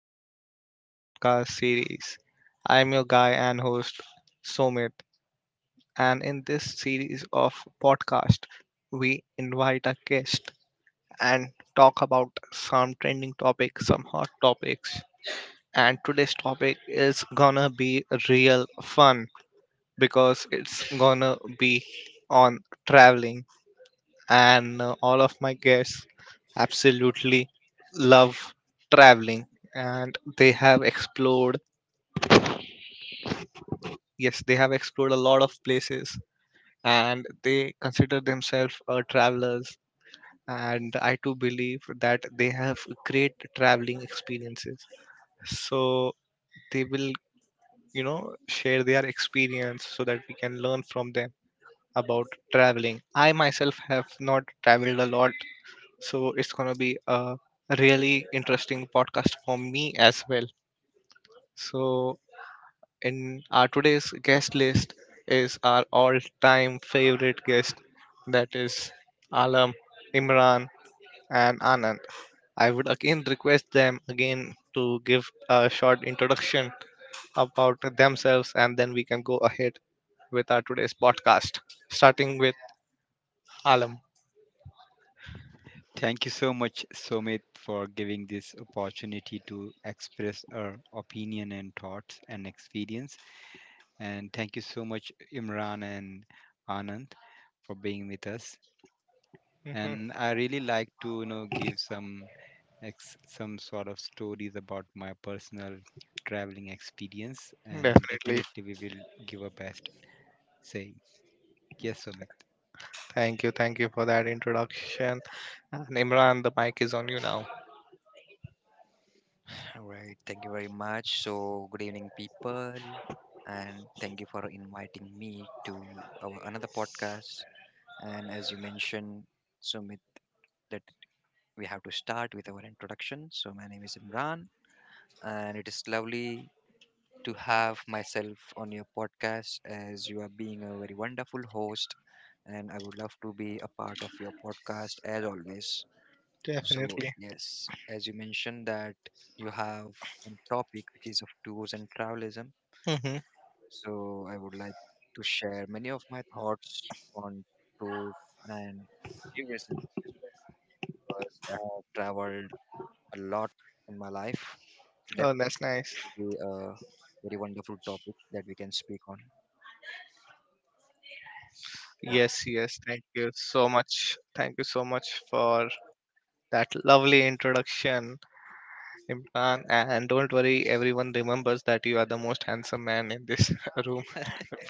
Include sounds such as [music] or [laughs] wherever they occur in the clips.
to our podcast series. I'm your guy and host, Somit. And in this series of podcast, we invite a guest and talk about some trending topics, some hot topics. And today's topic is gonna be real fun because it's gonna be on traveling, and all of my guests absolutely love traveling, and they have explored, yes they have explored a lot of places, and they consider themselves travelers, and I too believe that they have great traveling experiences. So they will, you know, share their experience so that we can learn from them about traveling. I myself have not traveled a lot. So it's gonna be a really interesting podcast for me as well. So in our today's guest list is our all-time favorite guest, that is Alam, Imran, and Anand. I would again request them again to give a short introduction about themselves, and then we can go ahead with our today's podcast, starting with Alam. Thank you so much, Somit, for giving this opportunity to express our opinion and thoughts and experience. And thank you so much, Imran and Anand, for being with us. [laughs] hmm And I really like to, you know, give some some sort of stories about my personal traveling experience. And Definitely. definitely, we will give our best. Say yes, Somit. Thank you for that introduction. And Imran, the mic is on you now. All right, thank you very much. So, good evening, people, and thank you for inviting me to our another podcast. And as you mentioned, Sumit, that we have to start with our introduction. So, my name is Imran, and it is lovely to have myself on your podcast as you are being a very wonderful host. And I would love to be a part of your podcast as always. So Definitely. yes, as you mentioned that you have a topic which is of tours and travelism. hmm So I would like to share many of my thoughts on tours and tourism as well because I have traveled a lot in my life. So Oh, that's nice. definitely a very wonderful topic that we can speak on. For Yes, yes. Thank you so much. Thank you so much for that lovely introduction, Imran. And don't worry, everyone remembers that you are the most handsome man in this [laughs] room.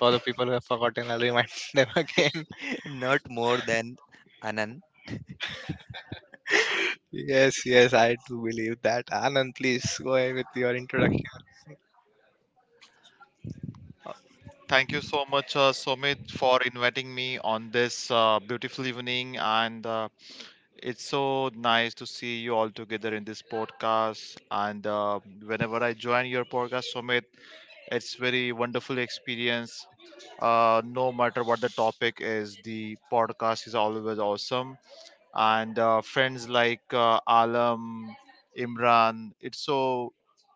For the people who have forgotten, I'll remind them again. [laughs] not more than Anand. [laughs] Yes, yes, I do believe that. Anand, please go ahead with your introduction. Thank you so much, Somit, for inviting me on this beautiful evening. And it's so nice to see you all together in this podcast. And whenever I join your podcast, Somit, it's very wonderful experience. No matter what the topic is, the podcast is always awesome. And friends like Alam, Imran, it's so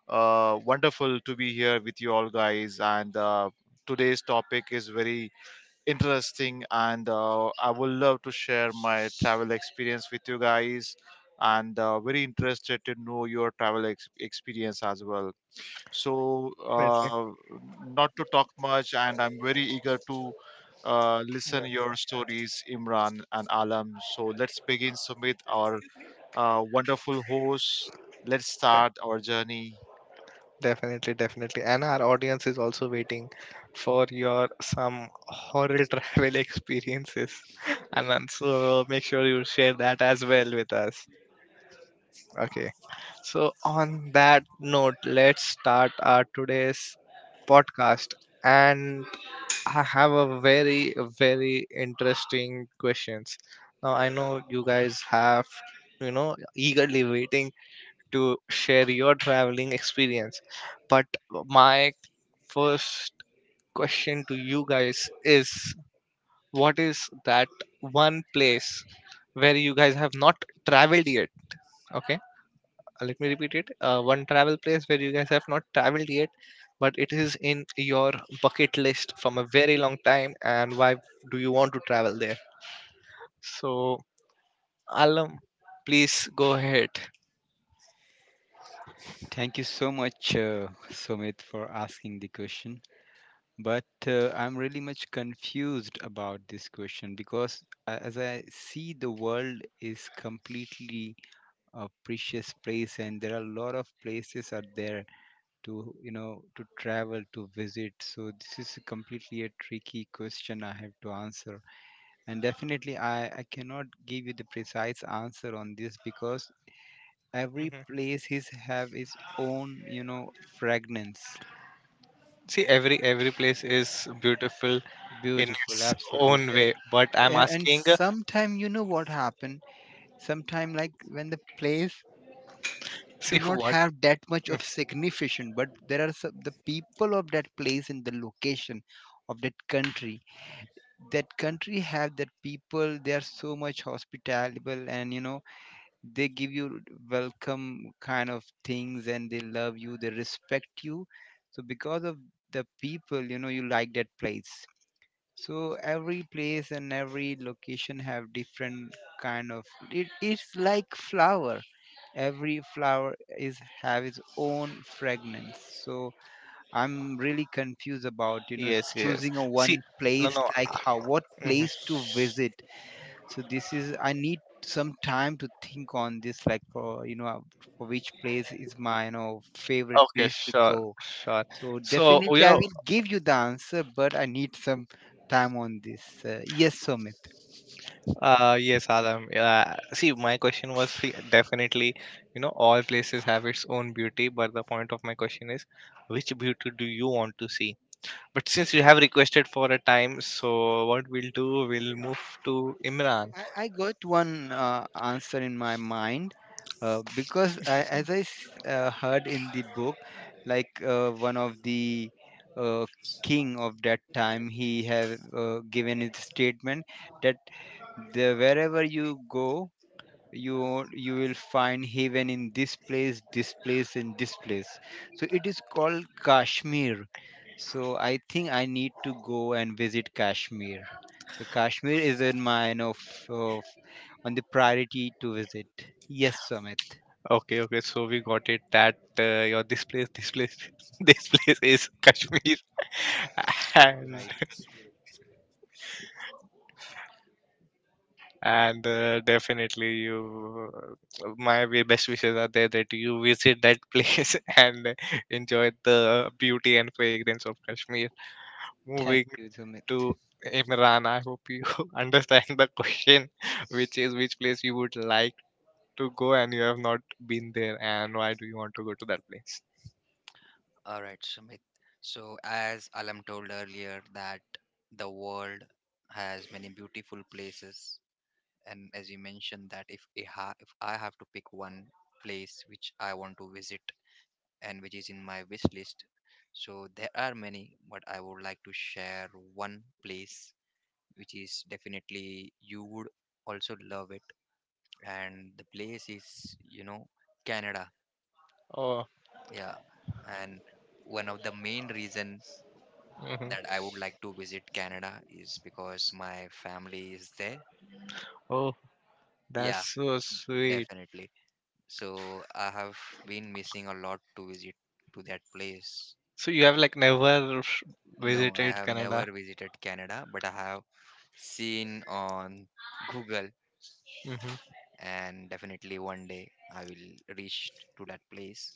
wonderful to be here with you all, guys. And today's topic is very interesting, and I would love to share my travel experience with you guys. And very interested to know your travel experience as well. So, not to talk much, and I'm very eager to listen your stories, Imran and Alam. So let's begin, Sumit, our wonderful host. Let's De- start our journey. Definitely, definitely. And our audience is also waiting for your some horror travel [laughs] experiences. Anand, so make sure you share that as well with us. Okay. So on that note, let's start our today's podcast. And I have a very, very interesting questions. Now I know you guys have, you know, eagerly waiting to share your traveling experience. But my first question to you guys is, what is that one place where you guys have not traveled yet? Okay, let me repeat it. One travel place where you guys have not traveled yet, but it is in your bucket list from a very long time, and why do you want to travel there? So, Alam, please go ahead. Thank you so much, Somit, for asking the question. But I'm really much confused about this question because as I see the world is completely a precious place and there are a lot of places are there to, to travel to visit. So this is completely a tricky question I have to answer. And definitely I cannot give you the precise answer on this because every place is have its own, fragrance. See, every place is beautiful in Beautiful, its own absolutely. way, but I'm Yeah, and asking, sometime, what happen sometime, like when the place see do [laughs] not what? have that much Mm. of significance, but there are some, the people of that place and the location of that country, have that people, they are so much hospitable, and, they give you welcome kind of things, and they love you, they respect you. So because of the people, you like that place. So every place and every location have different kind of it. It's like flower. Every flower is have its own fragrance. So I'm really confused about, Yes, yes. choosing a See, one no, place, no. like how, what Mhm. place to visit. So this is, I need some time to think on this, like, for, for which place is my, favorite Okay, place to sure, go. sure. So So you definitely, I know, will give you the answer, but I need some time on this. Yes, Sumit. Yes, Adam. See, my question was, see, definitely, you know, all places have its own beauty, but the point of my question is, which beauty do you want to see? But since you have requested for a time, so what we'll do, we'll move to Imran. I got one answer in my mind, because I, as I heard in the book, like, one of the uh, king of that time, he have, given his statement that the wherever you go, you will find heaven in this place, this place, and this place. So it is called Kashmir. So I think I need to go and visit Kashmir. So Kashmir is in my, you know, of on the priority to visit. Yes, Sumit. Okay, okay. So we got it that your this place, [laughs] this place is Kashmir, [laughs] You're and right. and definitely you, best wishes are there that you visit that place [laughs] and enjoy the beauty and fragrance of Kashmir. Thank Moving you, Sumit. to Imran, I hope you [laughs] understand the question, which is which place you would like to go and you have not been there, and why do you want to go to that place? All right, Sumit. So, as Alam told earlier, that the world has many beautiful places, and as you mentioned, that if I have to pick one place which I want to visit and which is in my wish list, so there are many, but I would like to share one place which is definitely you would also love it, and the place is, you know, Canada. Oh. Yeah, and one of the main reason Mhm. that I would like to visit Canada is because my family is there. That's Yeah, so sweet. definitely. So I have been missing a lot to visit to that place. So you have like never No, I visited have Canada. never visited Canada, but I have seen on Google, Mm-hmm. and definitely one day I will reach to that place.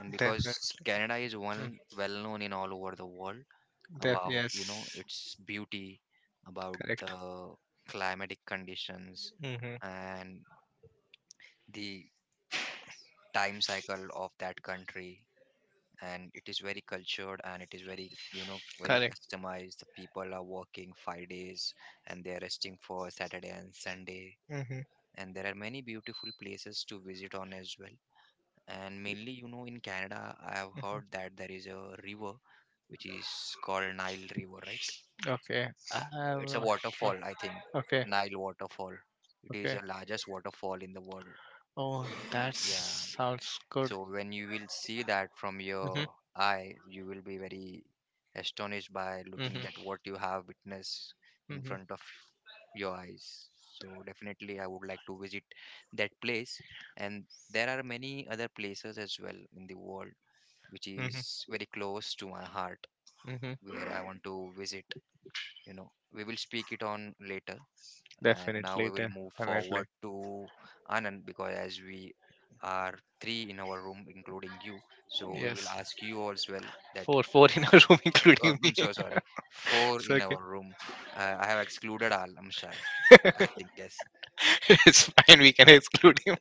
And because Definitely. Canada is Mm. one well known in all over the world, about, you know, Yes. its beauty, about Correct. the climatic conditions Mm-hmm. and the time cycle of that country. And it is very cultured and it is very, you know, very Correct. customized. The people are working 5 days and they are resting for Saturday and Sunday. Mm-hmm. And there are many beautiful places to visit on as well. And mainly, you know, in Canada, I have heard that there is a river which is called Nile River, right? Okay. I'm It's a not sure. waterfall, I think. Okay. Nile waterfall. It is Okay. the largest waterfall in the world. Oh, that Yeah. sounds good. So when you will see that from Mm-hmm. your eye, you will be very astonished by looking Mm-hmm. at what you have witnessed in Mm-hmm. front of your eyes. So definitely I would like to visit that place. And there are many other places as well in the world which is Mm-hmm. very close to my heart Mm-hmm. where I want to visit, you know. We will speak it on later. And now Definitely. we will move Definitely. forward to Anand because as we are three in our room, including you, so we will Yes. ask you as well that. Four. Four in a room, [laughs] Or including me. I'm [laughs] so sorry, four It's in okay. our room. I have excluded Alam Shahid. I think yes. [laughs] It's fine. We can exclude him.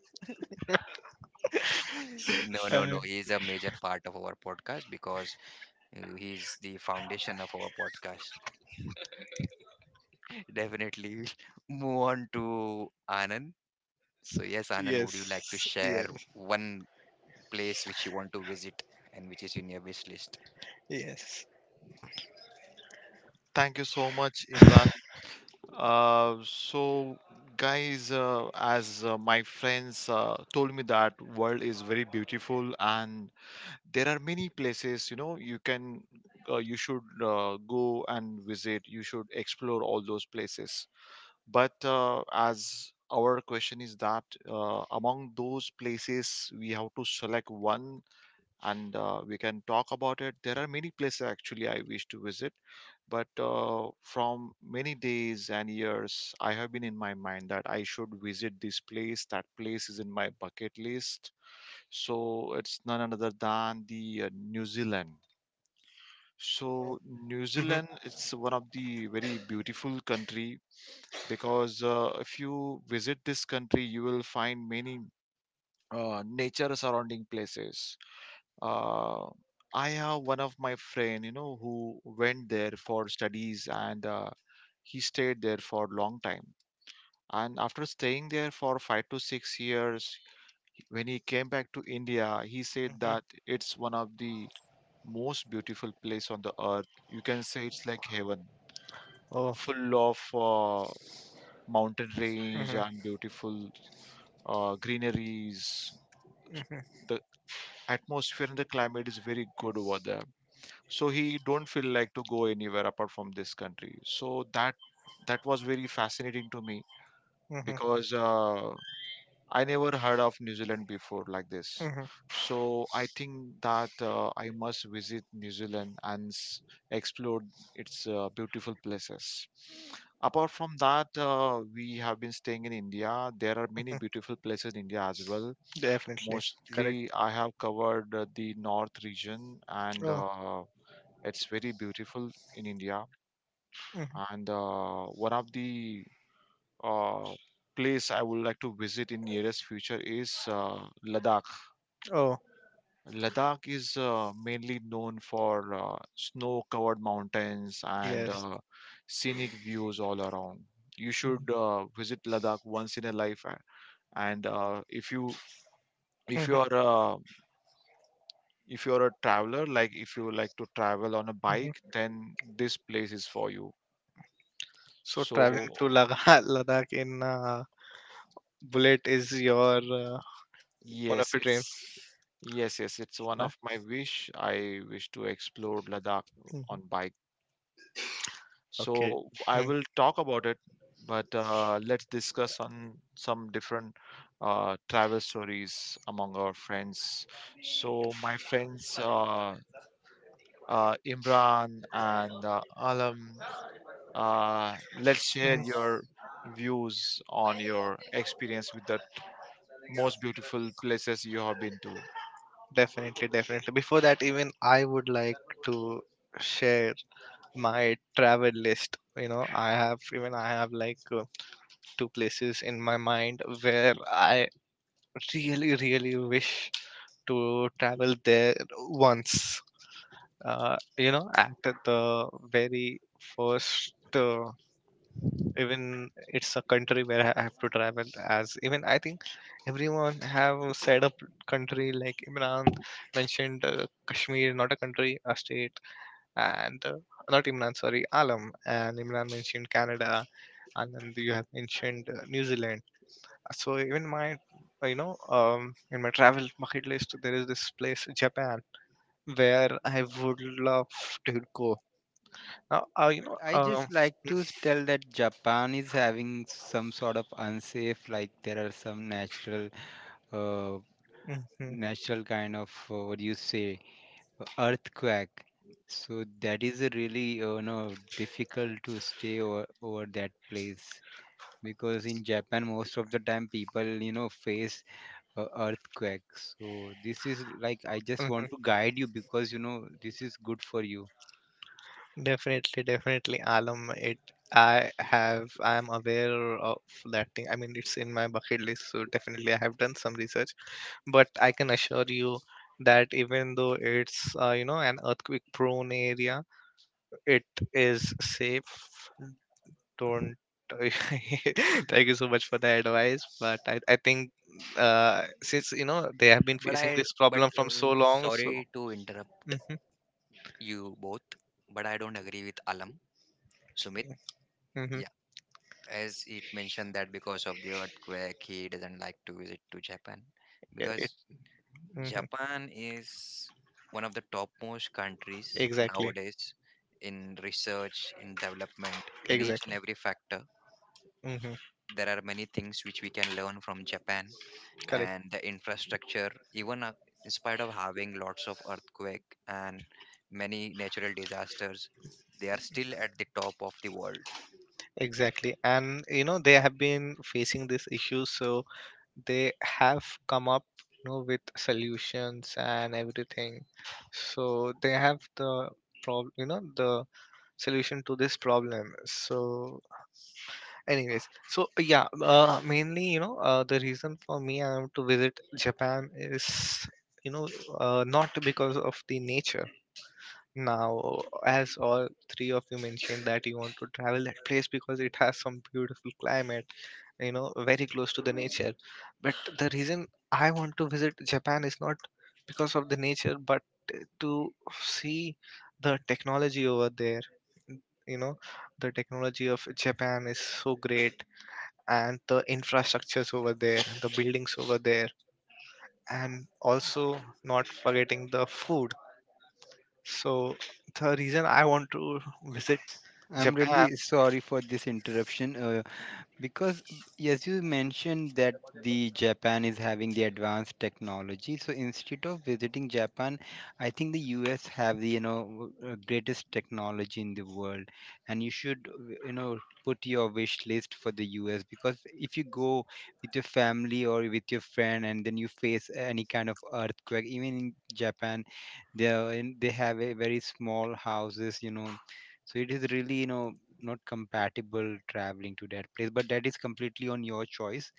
[laughs] No, no, Uh, no. He is a major part of our podcast because he is the foundation of our podcast. [laughs] Definitely we'll move on to Anand. So yes, Anand, would you like to yes. share Yes. one place which you want to visit and which is in your wish list. Yes. Thank you so much, Imran. So, guys, as my friends told me that world is very beautiful, and there are many places, you should go and visit. You should explore all those places. But as our question is that among those places, we have to select one, and we can talk about it. There are many places actually I wish to visit, but from many days and years, I have been in my mind that I should visit this place. That place is in my bucket list. So it's none other than the New Zealand. So New Mm-hmm. Zealand, it's one of the very beautiful country, because if you visit this country, you will find many nature surrounding places. Uh, I have one of my friend, who went there for studies, and he stayed there for a long time. And after staying there for 5 to 6 years, when he came back to India, he said Mm-hmm. that it's one of the most beautiful place on the earth. You can say it's like heaven, Oh. full of mountain range and beautiful greeneries, the atmosphere and the climate is very good over there, so he don't feel like to go anywhere apart from this country. So that was very fascinating to me, because I never heard of hmm New Zealand before like this. hmm So I think that I must visit New Zealand and explore its beautiful places. Apart from that, we have been staying in India. There are many beautiful places in India as well. Definitely. Correct. Mostly, I have covered the Oh. north region, and it's very beautiful in India. Mhm. And one of the uh, place I would like to visit in nearest future is Ladakh. Oh. Ladakh is mainly known for snow-covered mountains and Yes. Scenic views all around. You should visit Ladakh once in a life, and Mhm, if mhm. you are uh, if you're a traveler, like if you like to travel on a bike, then this place is for you. So so traveling to Ladakh, [laughs] Ladakh in bullet is your one of yes your dreams. it's yes yes it's one Huh? of my wish. I wish to explore Ladakh Mhm. on bike. Okay. So I Mm. will talk about it. But let's discuss on some different travel stories among our friends. So my friends, Imran and Alam. Let's share your views on your experience with the most beautiful places you have been to. Definitely, definitely. Before that, even I would like to share my travel list. You know, I have like two places in my mind where I really, really wish to travel there once. You know, at the very first. Even it's a country where I have to travel, as even I think everyone have said a country, like Imran mentioned Kashmir, not a country, a state. And not Imran, sorry, Alam, and Imran mentioned Canada, and then you have mentioned New Zealand. So even my, um, in my travel bucket list there is this place Japan where I would love to go. Now you But know I just like to tell that Japan is having some sort of unsafe, like, there are some natural uh, kind of what do you say, earthquake. So that is a really no difficult to stay over that place, because in Japan most of the time people, face earthquakes. So this is, like, I just want Mhm. to guide you, because, this is good for you. Definitely, definitely, Alam. It I have, I am aware of that thing. I mean, it's in my bucket list, so definitely I have done some research. But I can assure you that even though it's you know, an earthquake prone area, it is safe. Don't [laughs] thank you so much for the advice. But I think since you know they have been But facing I, this but problem from uh, so long, so sorry to interrupt hmm you both, but I don't agree with Alam, Sumit. hmm Yeah, as it mentioned that because of the earthquake, he doesn't like to visit to Japan yeah, because hmm Japan is one of the topmost countries exactly, nowadays in research, in development, in each and exactly. every factor. hmm There are many things which we can learn from Japan Correct. and the infrastructure even in spite of having lots of earthquake and many natural disasters, they are still at the top of the world. Exactly. And you know, they have been facing this issue, so they have come up, you know, with solutions and everything. So they have the problem, you know, the solution to this problem. So, anyways, so yeah, mainly, you know, the reason for me I want to visit Japan is, you know, not because of the nature now, as all three of you mentioned that you want to travel that place because it has some beautiful climate, you know, very close to the nature. But the reason I want to visit Japan is not because of the nature, but to see the technology over there. You know, the technology of Japan is so great, and the infrastructures over there, the buildings over there, and also not forgetting the food. So the reason I want to visit I'm really Japan, sorry for this interruption, because yes, you mentioned that the Japan is having the advanced technology. So instead of visiting Japan, I think the US have the, greatest technology in the world, and you should, put your wish list for the US, because if you go with your family or with your friend and then you face any kind of earthquake, even in Japan, they have a very small houses, So it is really, not compatible traveling to that place, but that is completely on your choice.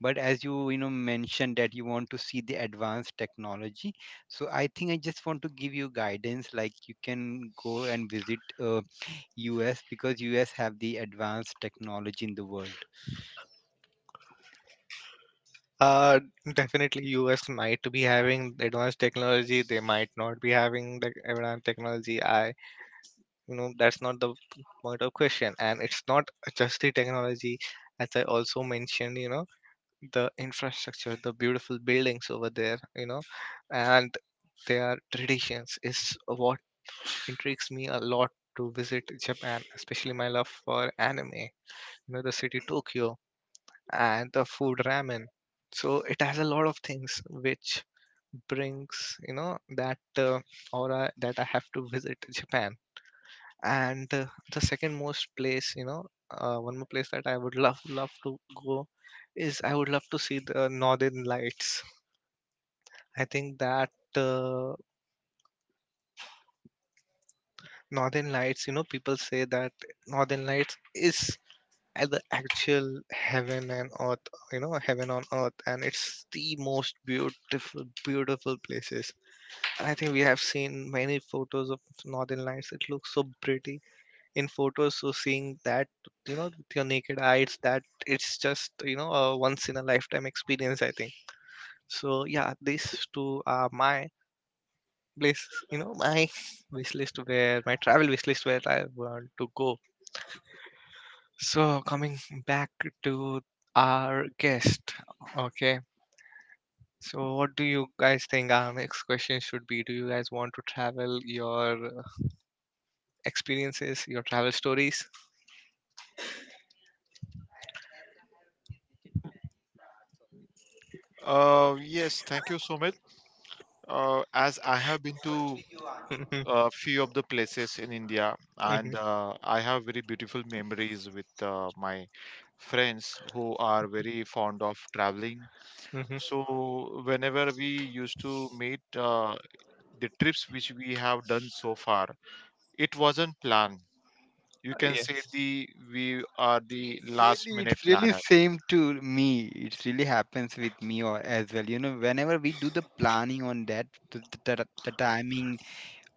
But as you, you know mentioned that you want to see the advanced technology. So I think I just want to give you guidance, like, you can go and visit US, because US have the advanced technology in the world. uh, definitely US might be having the advanced technology. They might not be having the advanced technology. I, you know, that's not the point of question. And it's not just the technology, as I also mentioned. You know, the infrastructure, the beautiful buildings over there. You know, and their traditions is what intrigues me a lot to visit Japan, especially my love for anime, you know, the city Tokyo, and the food ramen. So it has a lot of things which brings you know that aura that I have to visit Japan. And the second most place, you know, one more place that I would love to go is, I would love to see the Northern Lights. I think that uh, Northern Lights, you know, people say that Northern Lights is at the actual heaven and earth, you know, heaven on earth, and it's the most beautiful places. And I think we have seen many photos of Northern Lights, it looks so pretty in photos. So seeing that, you know, with your naked eyes, that it's just, you know, a once in a lifetime experience, I think. So yeah, these two are my place, you know, my [laughs] wish list, where my travel wish list, where I want to go. So, coming back to our guest, okay. So, what do you guys think our next question should be? Do you guys want to travel your experiences, your travel stories? Yes, thank you, Sumit. As I have been to Mhm, a few of the places in India, mhm, and I have very beautiful memories with my friends who are very fond of traveling. mhm. So, whenever we used to meet, the trips which we have done so far, it wasn't planned. You can Yes, say the we are the last Really, minute it's really planner. same to me. It really happens with me or as well, whenever we do the planning on that, the timing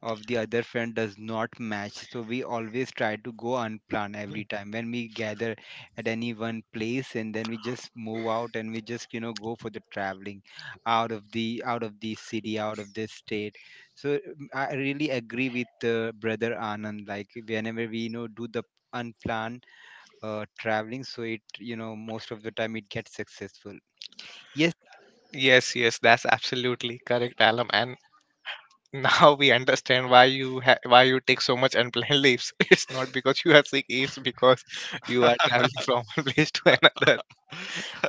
of the other friend does not match, so we always try to go unplanned every time when we gather at any one place, and then we just move out, and we just, go for the traveling, out of the, city, out of the state. So, I really agree with brother Anand, like whenever we, do the unplanned traveling, so it, most of the time, it gets successful. Yes. yes, yes, that's absolutely correct, Alam. And now we understand why you why you take so much unplanned leaves. [laughs] It's not because you are sick, it's because you are traveling [laughs] from one place to another.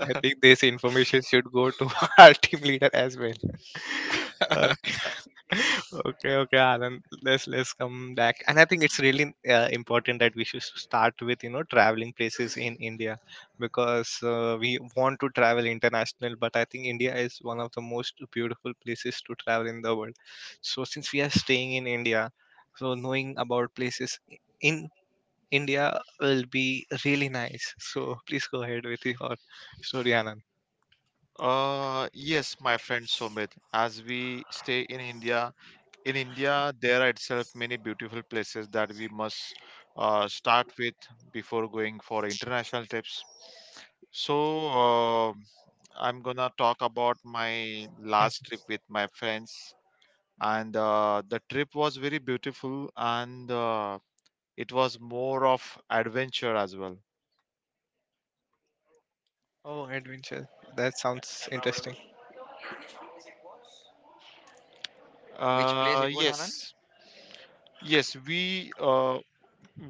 I think this information should go to [laughs] our team leader as well. [laughs] Uh, [laughs] okay, okay, Anand. Let's come back, and I think it's really important that we should start with, you know, traveling places in India, because we want to travel international, but I think India is one of the most beautiful places to travel in the world. So since we are staying in India, so knowing about places in India will be really nice. So please go ahead with your story, Anand. Yes, my friend Sumit, as we stay in India, there are itself many beautiful places that we must start with before going for international trips. So uh, I'm gonna talk about my last Mhm. trip with my friends, and the trip was very beautiful, and it was more of adventure as well. Oh, adventure, that sounds interesting. Which place it was, Anand? Yes, yes, we uh,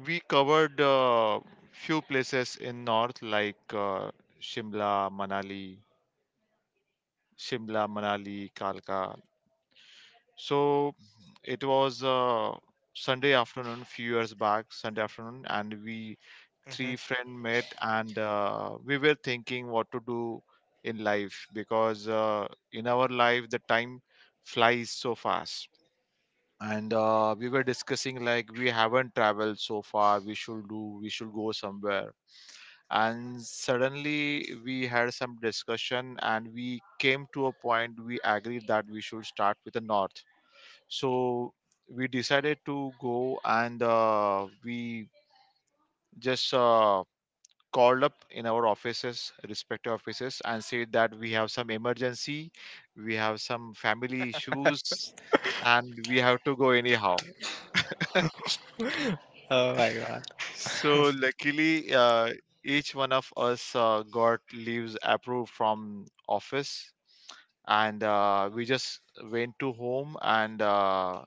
we covered few places in north like Shimla, Manali, Shimla, Manali, Kalka. So it was Sunday afternoon, few years back, Sunday afternoon, and we three Mm-hmm. friend met, and we were thinking what to do in life, because in our life the time flies so fast. And we were discussing, like, we haven't traveled so far, we should go somewhere. And suddenly we had some discussion, and we came to a point, we agreed that we should start with the north. So we decided to go, and we just called up in our offices respective offices and said that we have some emergency, we have some family issues, and we have to go anyhow. [laughs] Oh my god. So luckily, each one of us got leaves approved from office, and we just went to home, and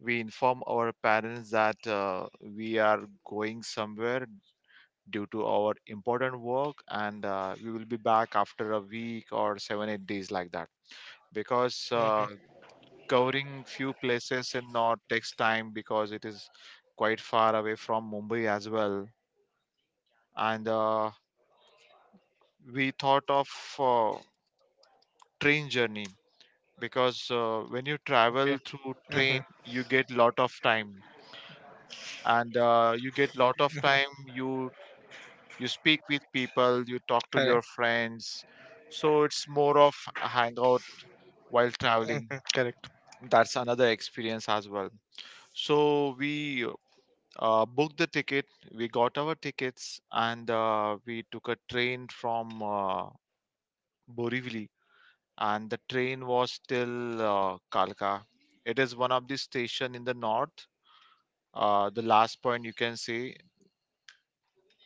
we inform our parents that we are going somewhere due to our important work, and we will be back after a week or 7-8 days like that. Because Mhm. Covering few places in north takes time, because it is quite far away from Mumbai as well. And we thought of uh, train journey, because when you Okay. travel through Mhm. train you get lot of time, and you get lot of time you speak with people, you talk to Correct. your friends. So it's more of a hangout while traveling. Mhm. Correct. That's another experience as well. So we booked the ticket, we got our tickets, and we took a train from Borivali, and the train was till Kalka. It is one of the station in the north, the last point you can see.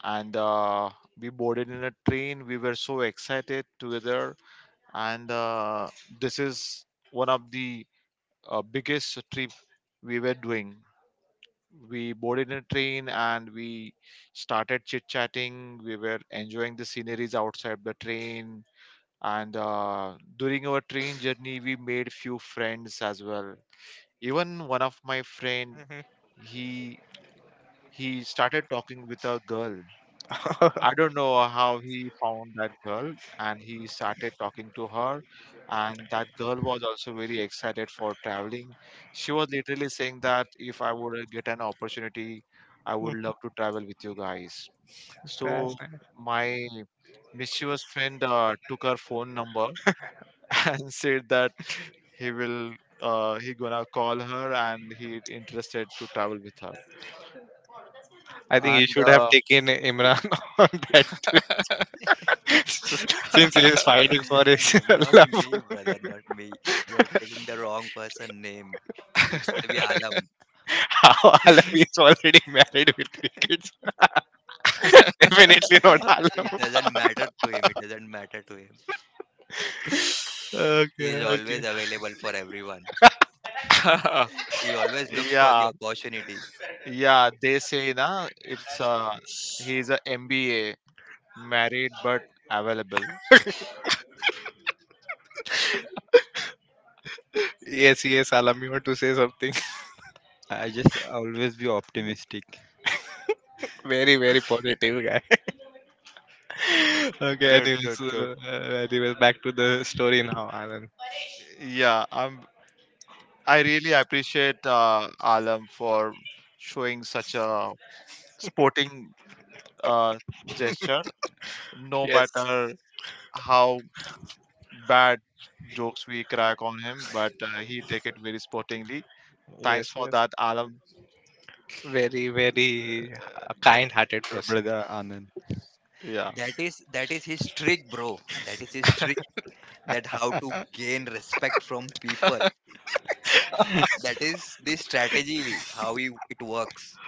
And we boarded in a train. We were so excited together, and this is one of the biggest trip we were doing. We boarded in a train and we started chit chatting. We were enjoying the sceneries outside the train, and during our train journey, we made few friends as well. Even one of my friend, Mhm. he he started talking with a girl. I don't know how he found that girl, and he started talking to her, and that girl was also very excited [laughs] for traveling. She was literally saying that if I would get an opportunity, I would love to travel with you guys. Mhm. So That's nice. my mischievous friend took her phone number [laughs] and said that he will he gonna call her and he interested to travel with her, I think you and should have taken Imran [laughs] on that [laughs] since he is fighting for [laughs] his [laughs] Not me, love. brother, not me. You are taking the wrong person name. It should be Alam. How? Alam is already married with three kids. [laughs] Definitely not [laughs] It Alam. doesn't matter to him, it doesn't matter to him. He Okay, is okay. always available for everyone. He [laughs] always looks for the yeah, opportunity. yeah, they say na, it's he's a MBA, married but available. we Yes, are- yes, Alam, you want to say something? [laughs] I just always be optimistic. Very, very positive guy. [laughs] Okay, Good, anyways, good, good. Anyways, back to the story now, Alan. Yeah, I really appreciate Alam for showing such a sporting uh gesture, no Yes, matter how bad jokes we crack on him, but he take it very sportingly. Thanks yes, for yes. that, Alam. Very, very kind-hearted Sure, person. brother Anand. Yeah. That is, that is his trick, bro. That is his, that how to [laughs] gain respect from people. That is the strategy, how you, it works.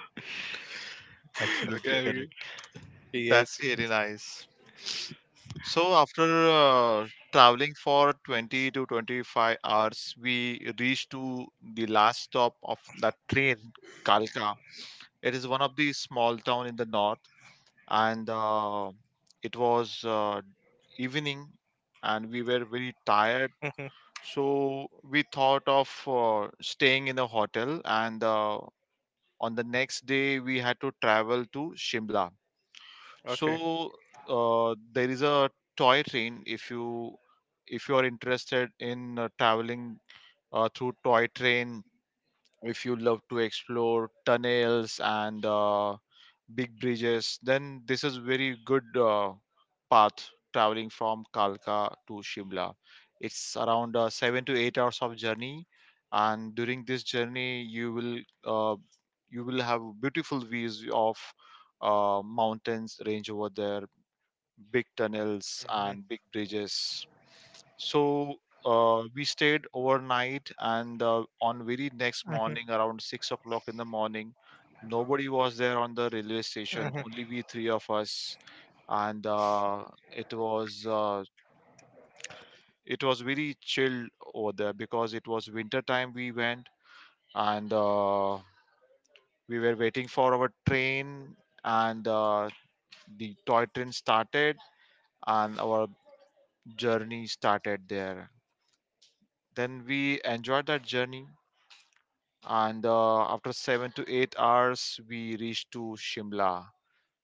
[laughs] Absolutely Okay. Yeah, correct. yeah, yes. That's really nice. So after traveling for 20 to 25 hours, we reached to the last stop of that train, Kalka. It is one of the small town in the north, and it was evening, and we were very tired. [laughs] Mhm. So we thought of staying in a hotel, and on the next day we had to travel to Shimla. Okay. So there is a toy train. If you are interested in traveling through toy train, if you love to explore tunnels and big bridges, then this is very good path, traveling from Kalka to Shimla. It's around 7 to 8 hours of journey. And during this journey uh, you will have beautiful views of mountains range over there, big tunnels and big bridges. So we stayed overnight, and on very next morning, around six Mhm. o'clock in the morning, nobody was there on the railway station. Mhm. Only we three of us, and it was uh, it was very chill over there because it was winter time. We went, and we were waiting for our train, and the toy train started, and our journey started there. Then we enjoyed that journey, and after 7 to 8 hours, we reached to Shimla.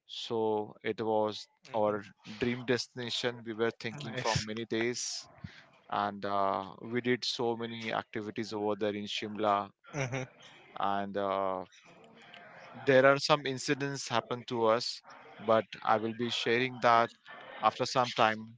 So it was our dream destination. We were thinking from Nice. many days, and we did so many activities over there in Shimla. Mhm. And there are some incidents happened to us, but I will be sharing that after some time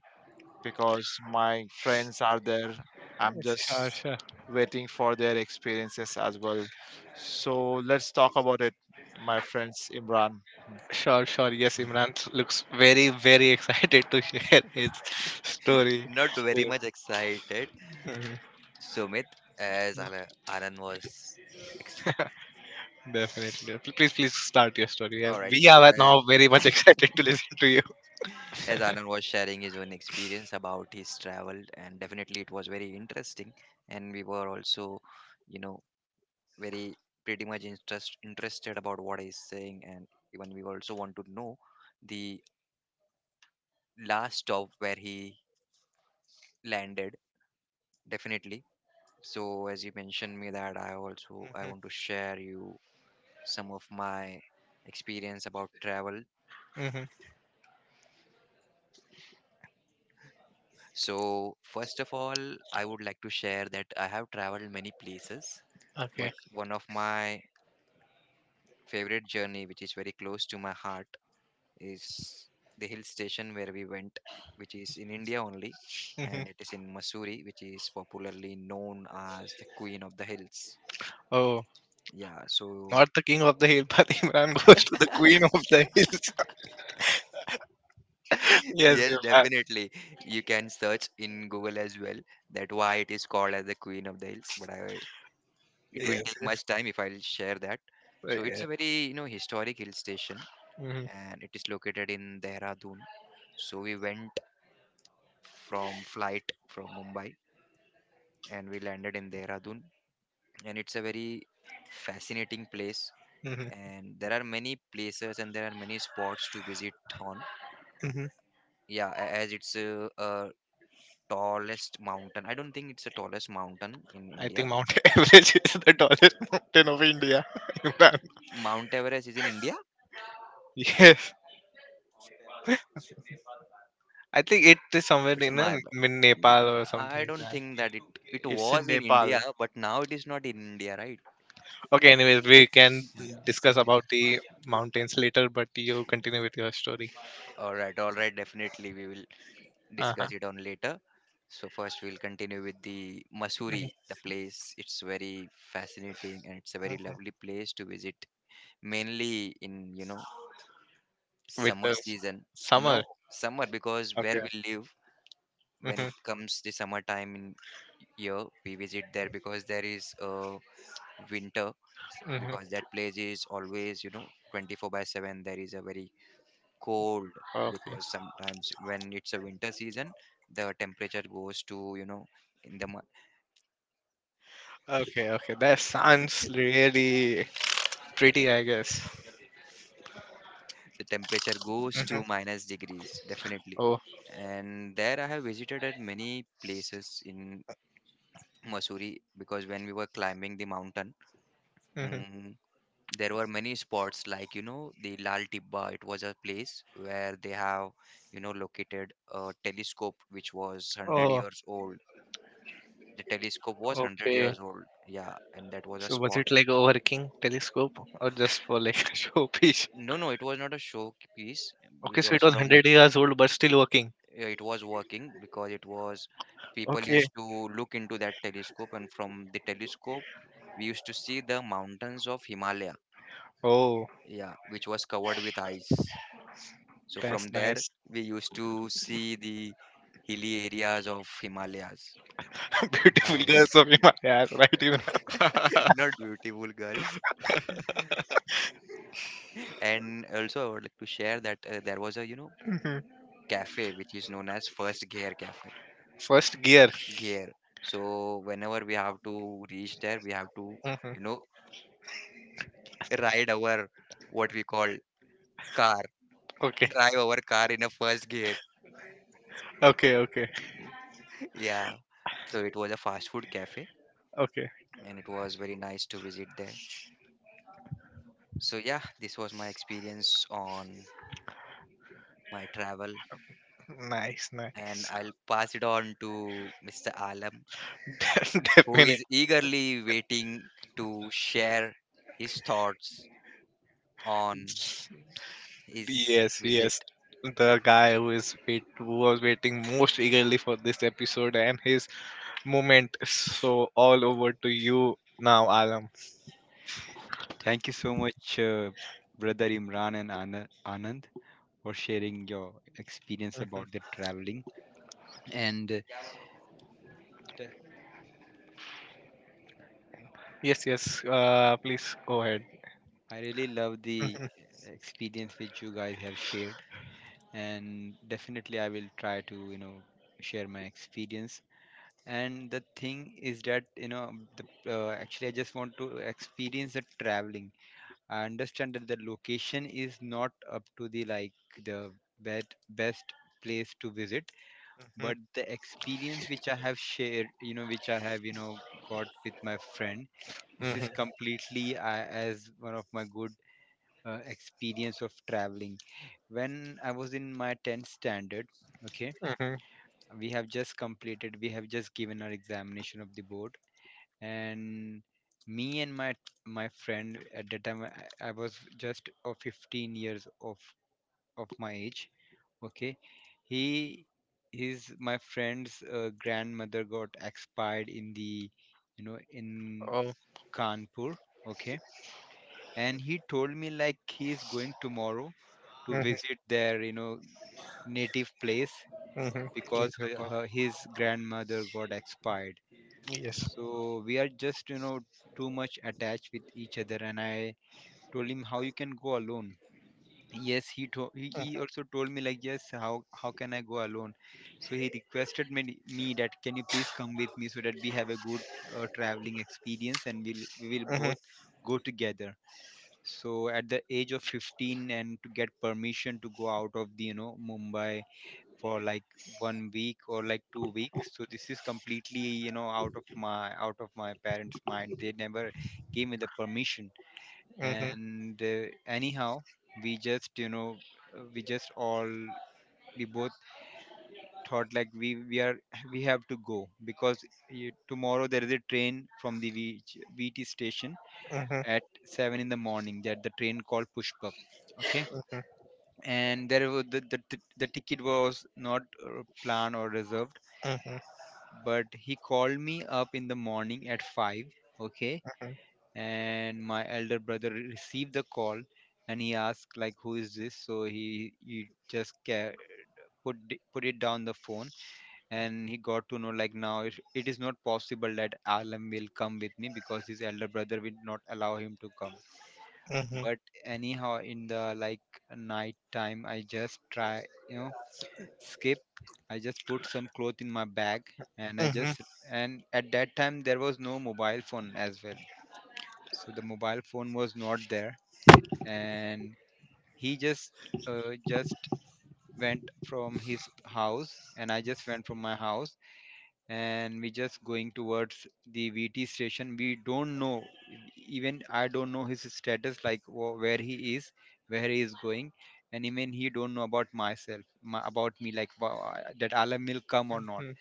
because my friends are there. I'm Sure, just sure. waiting for their experiences as well. So let's talk about it, my friends Imran. Sure, sure. Yes, Imran looks very, very [laughs] excited to share his story. Not very Yes. much excited, Mhm. Sumit. As Ana- anand was ex- Definitely. Please, please start your story. Yeah, All right. we are As now very much [laughs] excited to listen to you. as Anand [laughs] was sharing his own experience about his travel, and definitely it was very interesting, and we were also, you know, very pretty much interested about what he's saying, and even we also want to know the last stop where he landed. Definitely. So as you mentioned me that I also I want to share you some of my experience about travel. hmm So first of all, I would like to share that I have traveled many places, but Okay. one of my favorite journey which is very close to my heart is the hill station where we went, which is in India only, hmm and it is in Missouri, which is popularly known as the queen of the hills. Oh, Yeah, so not the king of the hill, [laughs] but Imran goes to the queen of the [laughs] hills. [laughs] [laughs] yes, yes, Imran. definitely. You can search in Google as well that why it is called as the Queen of the Hills. It will Yes, take much yes. time if I'll share that. So it's a very, you know, historic hill station, Mm-hmm. and it is located in Dehradun. So we went from flight from Mumbai, and we landed in Dehradun, and it's a very fascinating place. And there are many places and there are many spots to visit on. Mm-hmm. Yeah, as it's a tallest mountain. I don't think it's the tallest mountain in I think India. Mount [laughs] Everest is the tallest mountain of India. [laughs] Imran. Mount Everest is in India. Yes. I think it is somewhere It's my. B- in Mm, Nepal or something I like don't that. think that it It's in was in Nepal. India, but now it is not in India, right? Okay, anyways, we can discuss about the mountains later, but you continue with your story. All right, all right. Definitely, we will Uh-huh. discuss it on later. So first, we'll continue with the Masuri, the place. It's very fascinating and it's a very Mhm. lovely place to visit, mainly in, you know, With summer the season. No summer. summer because where Okay. we live when Hmm. it comes the summertime in year we visit there because there is a winter Hmm. because that place is always, you know, 24 by 7 there is a very cold Okay. because sometimes when it's a winter season the temperature goes to, you know, in the mo- Okay, okay. That sounds really pretty, I guess. the temperature goes Hmm. to minus degrees definitely. Oh. And there I have visited at many places in Missouri because when we were climbing the mountain, Hmm. mm, there were many spots like, you know, the lal tibba. It was a place where they have, you know, located a telescope which was 100 Oh, years old. The telescope was 100 okay. years old, yeah, and that was a So was spot. it like a working telescope or just for like [laughs] showpiece? No, no, it was not a showpiece. Okay, so Because it was from 100 years old but still working. It was working, because it was, people Okay. used to look into that telescope, and from the telescope we used to see the mountains of Himalaya, Oh, yeah, which was covered with ice. So from that's there, nice. we used to see the hilly areas of Himalayas. [laughs] Beautiful girls Nice. of Himalayas, right? Even [laughs] Not [laughs] beautiful girls. And also, I would like to share that there was a, you know, [laughs] cafe which is known as First Gear Cafe. first gear. Gear. So whenever we have to reach there, we have to, Hmm. you know, ride our, what we call, car, Okay. drive our car in a first gear. Okay. Okay. [laughs] Yeah. So it was a fast food cafe, Okay. and it was very nice to visit there. So yeah, this was my experience on my travel, Nice. and Nice. I'll pass it on to Mr. Alam, [laughs] De- who Definitely. is eagerly waiting to share his thoughts on his Yes. Yes. visit. The guy who was waiting most eagerly for this episode and his moment. So all over to you now, Alam. Thank you so much, brother Imran and Anand, for sharing your experience Mhm. about the traveling. And, d- Yes, yes. Please go ahead. I really love the experience which you guys have shared. And definitely, I will try to, share my experience. And the thing is that, the, actually, I just want to experience the traveling. I understand that the location is not up to the, like, the best place to visit, Mhm, but the experience which I have shared, which I have, got with my friend, this mhm, is completely, as one of my good experience of traveling. When I was in my 10th standard, okay, mhm. We have just given our examination of the board. And me and my friend at that time, I was just 15 years of my age. Okay, he his my friend's grandmother got expired in the, you know in Oh, Kanpur. Okay, and he told me, like, he is going tomorrow to mhm, visit their, native place, mhm. because his grandmother got expired. Yes. So we are just, too much attached with each other, and I told him, how you can go alone. Yes, he Yes. also told me, like, yes, how can I go alone. So he requested me that, can you please come with me, so that we have a good traveling experience, and we will Mhm, both go together. So at the age of 15, and to get permission to go out of the, Mumbai for like one week or like 2 weeks, so this is completely, out of my parents mind. They never gave me the permission. mhm, And, anyhow, we just, you know we just all we both thought, like, we are [laughs] we have to go, because, tomorrow there is a train from the VT station mhm, at 7 in the morning, that the train called Pushpak. Okay, mhm, and there was the ticket was not planned or reserved. mhm, But he called me up in the morning at 5. Okay, and my elder brother received the call, and he asked, like, who is this. So he just put it down the phone. And he got to know, like, now it is not possible that Alam will come with me, because his elder brother will not allow him to come. mhm, But anyhow, in the, like, night time, I just try, you know skip, I just put some cloth in my bag. and i mhm, just and at that time there was no mobile phone as well. So the mobile phone was not there. And he just, uh, just went from his house, and I just went from my house. And we just going towards the VT station. We don't know, even I don't know his status, like where he is going. And even he don't know about about me, like that Alam will come or mhm, not. mhm.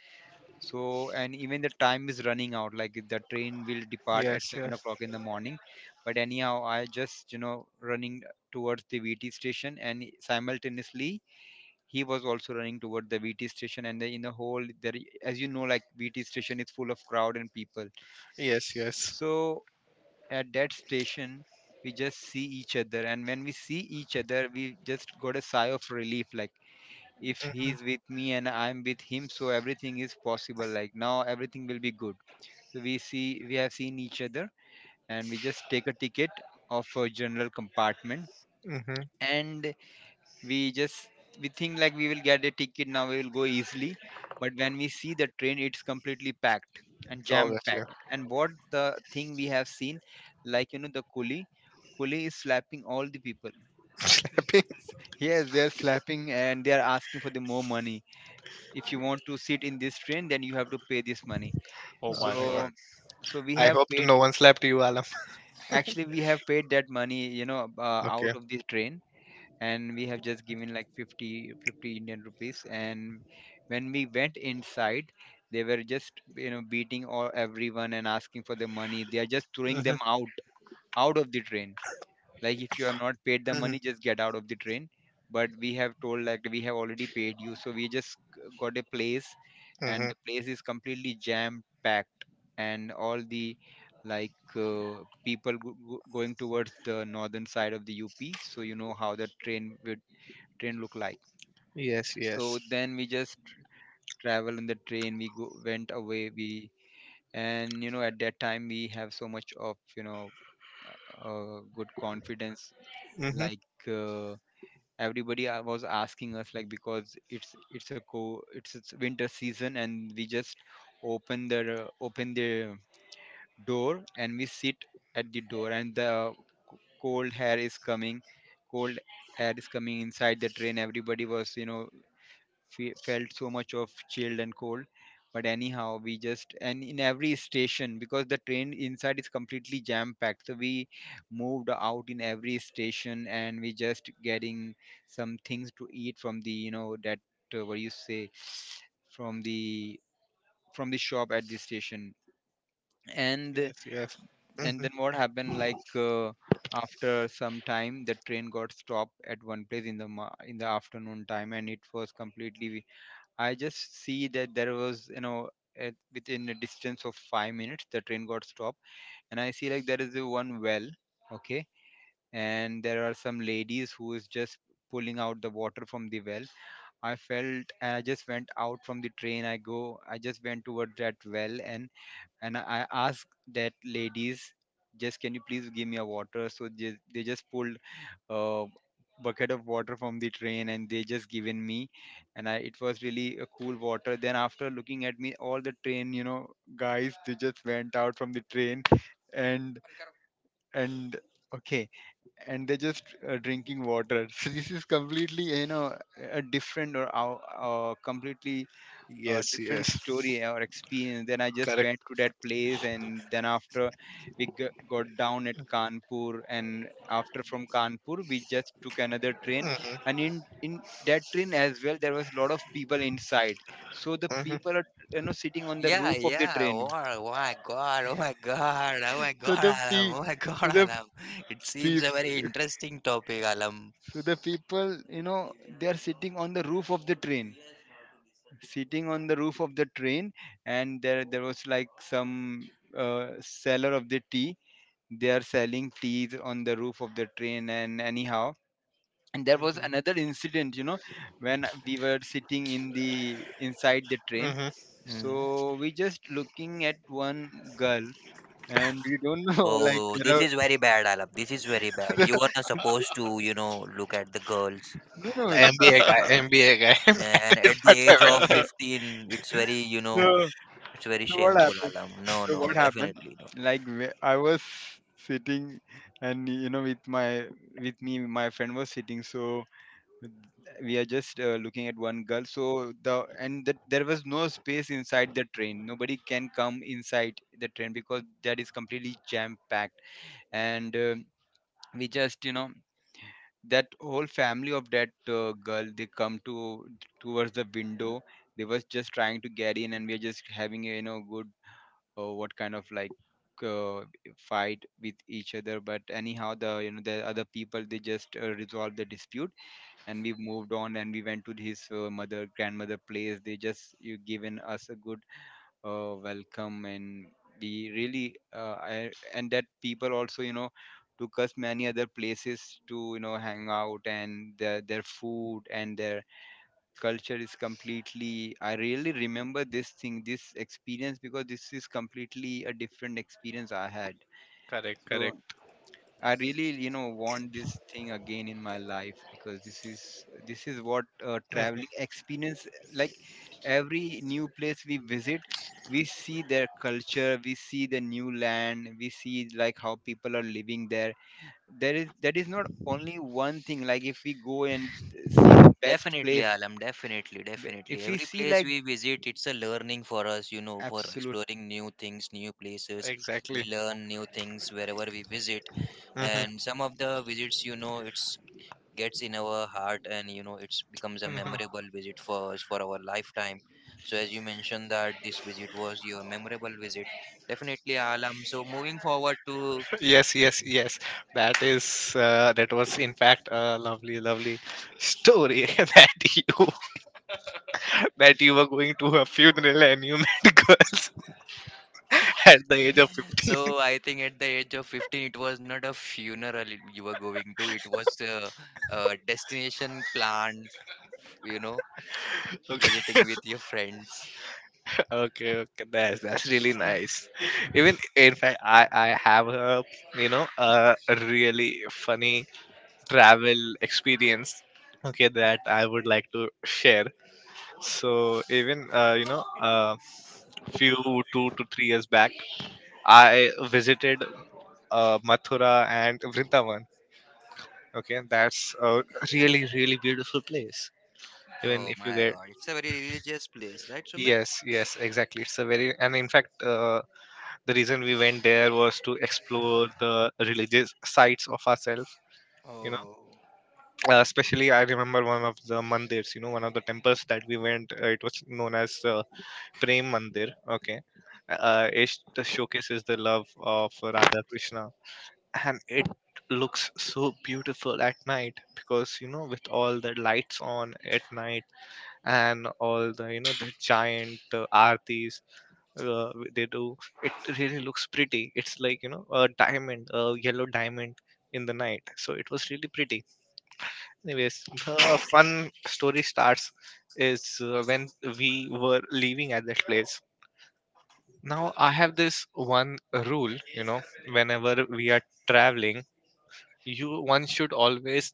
So, and even the time is running out, like the train will depart at Yes, seven yes, o'clock in the morning. But anyhow, I just, running towards the VT station, and simultaneously, he was also running toward the VT station. And in the whole there, as you know, like, VT station is full of crowd and people. yes, yes. So at that station, we just see each other, and when we see each other, we just got a sigh of relief, like if he's with me and I'm with him, so everything is possible, like now everything will be good. So we have seen each other, and we just take a ticket of a general compartment. Mm-hmm. Mm-hmm. And we just we think, like, we will get a ticket, now we will go easily. But when we see the train, it's completely packed and jam Obviously. packed. And what the thing we have seen, like, the coolie is slapping all the people. [laughs] Happy. Yes, they're slapping and they're asking for the more money. If you want to sit in this train, then you have to pay this money. Oh Oh my my god. so God. so we I have hope paid. no one slapped you, Alam. [laughs] Actually, we have paid that money, Okay. out of this train. And we have just given, like, 50, 50 Indian rupees. And when we went inside, they were just, beating all everyone and asking for the money. They are just throwing Mm-hmm. them out, out of the train, like, if you have not paid the Mm-hmm. money, just Get out of the train. But we have told like we have already paid you, so we just got a place, and Mm-hmm. the place is completely jam packed. And all the like people going towards the northern side of the UP, so you know how the train would train look like. Yes, So yes. then we just travel in the train, we went away, we and you know at that time we have so much of you know good confidence. Mm-hmm. Like everybody was asking us, like because it's a co it's winter season, and we just open the door and we sit at the door, and the cold air is coming, cold air is coming inside the train. Everybody was you know felt so much of chilled and cold. But anyhow we just, and in every station, because the train inside is completely jam packed, so we moved out in every station and we just getting some things to eat from the you know that what do you say, from the from the shop at the station. and Yes, yes. and Mm-hmm. then what happened like after some time the train got stopped at one place in the in the afternoon time, and it was completely, I just see that there was, you know, at, within a distance of 5 minutes, the train got stopped, and I see like there is a one well, okay, and there are some ladies who is just pulling out the water from the well. I felt, and I just went out from the train. I just went towards that well, and I asked that ladies, just can you please give me a water? So they just pulled uh, bucket of water from the train and they just given me. And I, it was really a cool water. Then after looking at me, all the train you know guys they just went out from the train and and okay, and they're just drinking water [laughs] so this is completely you know a different or completely a Yes, different yes. story or experience. Then I just Correct. went to that place, and then after we got down at Kanpur, and after from Kanpur we just took another train, Mm-hmm. and in that train as well there was a lot of people inside. So the Mm-hmm. people are you know sitting on the Yeah, roof of the yeah. train. Wow, oh my God. Oh my God. Oh my So God, the Alam. pe- Oh my so God, the Alam. It seems pe- a very interesting topic, Alam. so the people you know they are sitting on the roof of the train, sitting on the roof of the train and there was like some seller of the tea. They are selling teas on the roof of the train. And anyhow, and there was Mm-hmm. another incident you know when we were sitting in the inside the train. Mm-hmm. Mm. So we just looking at one girl, and we don't know [laughs] like Oh, there this are is very bad, Alam. This is very bad. You were [laughs] not supposed to, you know, look at the girls No like MBA this. guy, MBA guy, [laughs] And married at the but age of available. 15, it's very, you know, no. it's very So what shameful, happened? Alam. No, So what no, happened? definitely no. Like I was sitting, and you know, with my with me, my friend was sitting. So we are just looking at one girl. So the, and that there was no space inside the train. Nobody can come inside the train because that is completely jam packed. And we just you know that whole family of that girl, they come to towards the window. They was just trying to get in, and we are just having a you know good or what kind of like uh, fight with each other. But anyhow the you know the other people they just resolved the dispute, and we moved on and we went to his mother grandmother place. They just you given us a good welcome, and we really I, and that people also you know took us many other places to you know hang out. And their food and their culture is completely, I really remember this thing, this experience, because this is completely a different experience I had. Correct, So correct. I really you know want this thing again in my life, because this is, this is what Mhm. traveling experience like. Every new place we visit, we see their culture, we see the new land, we see like how people are living there. There is, that is not only one thing, like if we go and see the best Definitely, place, Alam. Definitely, definitely. if we Every see place like, we visit, it's a learning for us, you know, for absolutely. exploring new things, new places. We Exactly. learn new things wherever we visit. Mhm, And some of the visits, you know, it's gets in our heart and you know it's becomes a mhm. memorable visit for us for our lifetime. So as you mentioned that this visit was your memorable visit, definitely, Alam, so moving forward to, Yes, yes, yes. That is that was in fact a lovely, lovely story [laughs] that you were going to a funeral and you met [laughs] girls at the age of 15. so I think at the age of 15 it was not a funeral, you were going to, it was a destination plan, you know, [laughs] Okay, visiting with your friends. okay, okay. That's really nice. Even in fact, I have a you know a really funny travel experience, okay, that I would like to share. So even few 2 to 3 years back, I visited Mathura and Vrindavan. Okay, that's a really, really beautiful place. Even Oh if you my get, God, it's a very religious place, right, Sumit? yes, yes, exactly, it's a very, and in fact, the reason we went there was to explore the religious sites of ourselves. You know, Oh, especially I remember one of the mandirs, one of the temples that we went, it was known as Prem Mandir. Okay. It showcases the love of Radha Krishna, and it looks so beautiful at night because, with all the lights on at night, and all the you know the giant artis uh, they do, it really looks pretty. It's like, a diamond, a yellow diamond in the night, so it was really pretty. Anyways, the fun story starts is when we were leaving at that place. Now I have this one rule, you know, whenever we are traveling, you, one should always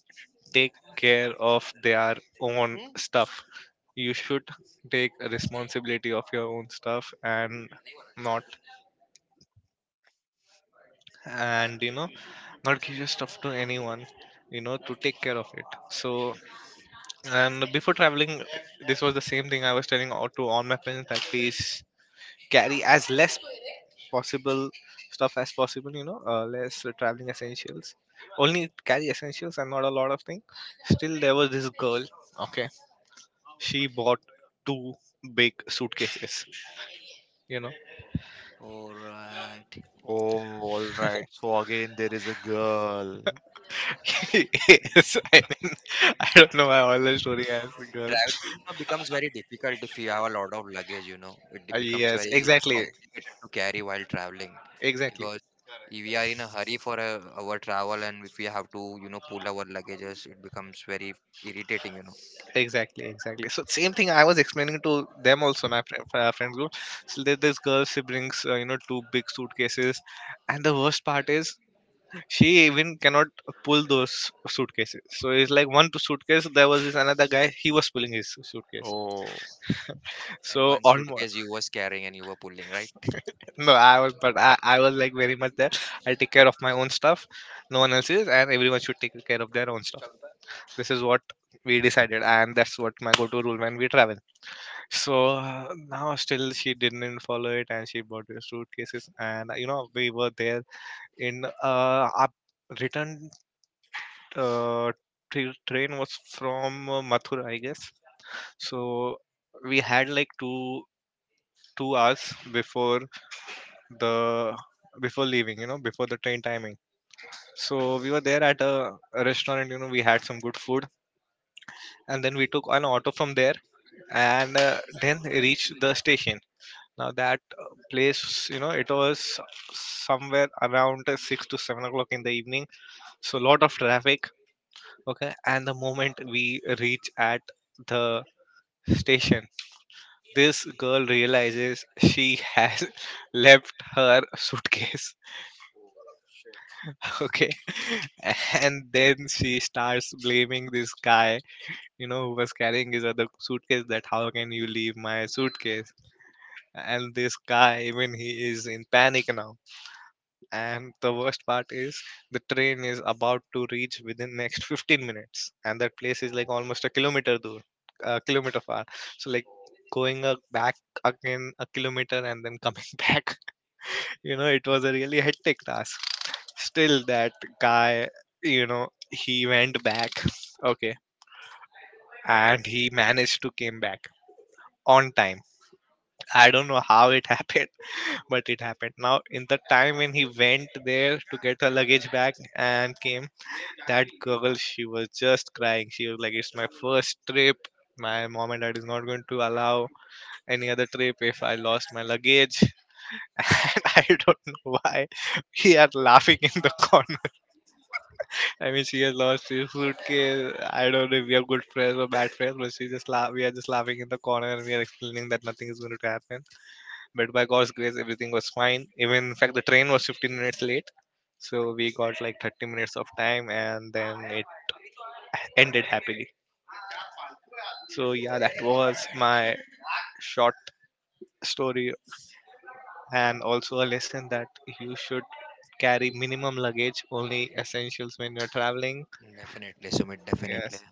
take care of their own stuff. You should take responsibility of your own stuff, and not, and you know, not give your stuff to anyone, you know, to take care of it. So, and before traveling, this was the same thing I was telling all to all my friends, that please carry as less possible stuff as possible. You know, less traveling essentials. Only carry essentials and not a lot of things. Still, there was this girl. Okay, she bought two big suitcases. You know, all right. Oh, all right. So again, there is a girl. [laughs] yes, I mean, I don't know why all the story has the girl. Traveling, you know, becomes very difficult if you have a lot of luggage, you know. Becomes Yes, very exactly, complicated to carry while traveling exactly. because if we are in a hurry for our travel and if we have to, you know, pull our luggages, it becomes very irritating, you know. Exactly, exactly. So same thing I was explaining to them also, my friend group. So there, this girl, she brings two big suitcases, and the worst part is she even cannot pull those suitcases. So it's like one suitcase. There was this another guy. He was pulling his suitcase. Oh, And So one almost, suitcase you was carrying and you were pulling, right? no, I was, but I was like very much there. I'll take care of my own stuff. No one else is, and everyone should take care of their own stuff. This is what we decided, and that's what my go-to rule when we travel. So now still she didn't follow it, and she bought the suitcases, and you know, we were there in our return uh, train was from Mathura, I guess. So we had like two hours before the, before leaving, you know, before the train timing. So we were there at a restaurant, you know, we had some good food, and then we took an auto from there, and then reached the station. Now that place, you know, it was somewhere around 6 to 7 o'clock in the evening, so a lot of traffic. Okay, and the moment we reach at the station, this girl realizes she has [laughs] left her suitcase. [laughs] Okay, and then she starts blaming this guy, you know, who was carrying his other suitcase. That, how can you leave my suitcase? And this guy, even he is in panic now, and the worst part is, the train is about to reach within next 15 minutes, and that place is like almost a kilometer far. So like going back again a kilometer and then coming [laughs] back, you know, it was a really hectic task. Still that guy, you know, he went back [laughs] okay, and he managed to came back on time. I don't know how it [laughs] happened, but it happened. Now in the time when he went there to get her luggage back and came, that girl, she was just crying. She was like, it's my first trip. My mom and dad is not going to allow any other trip if I lost my luggage. [laughs] And I don't know why we are laughing in the corner. I mean, she has lost her suitcase. I don't know if we are good friends or bad friends, but she just laugh, we are just laughing in the corner, and we are explaining that nothing is going to happen. But by god's grace everything was fine. Even in fact, the train was 15 minutes late, so we got like 30 minutes of time, and then it ended happily. So yeah, that was my short story, and also a lesson that you should carry minimum luggage, only essentials when you're traveling. Definitely, Sumit, definitely. Yes,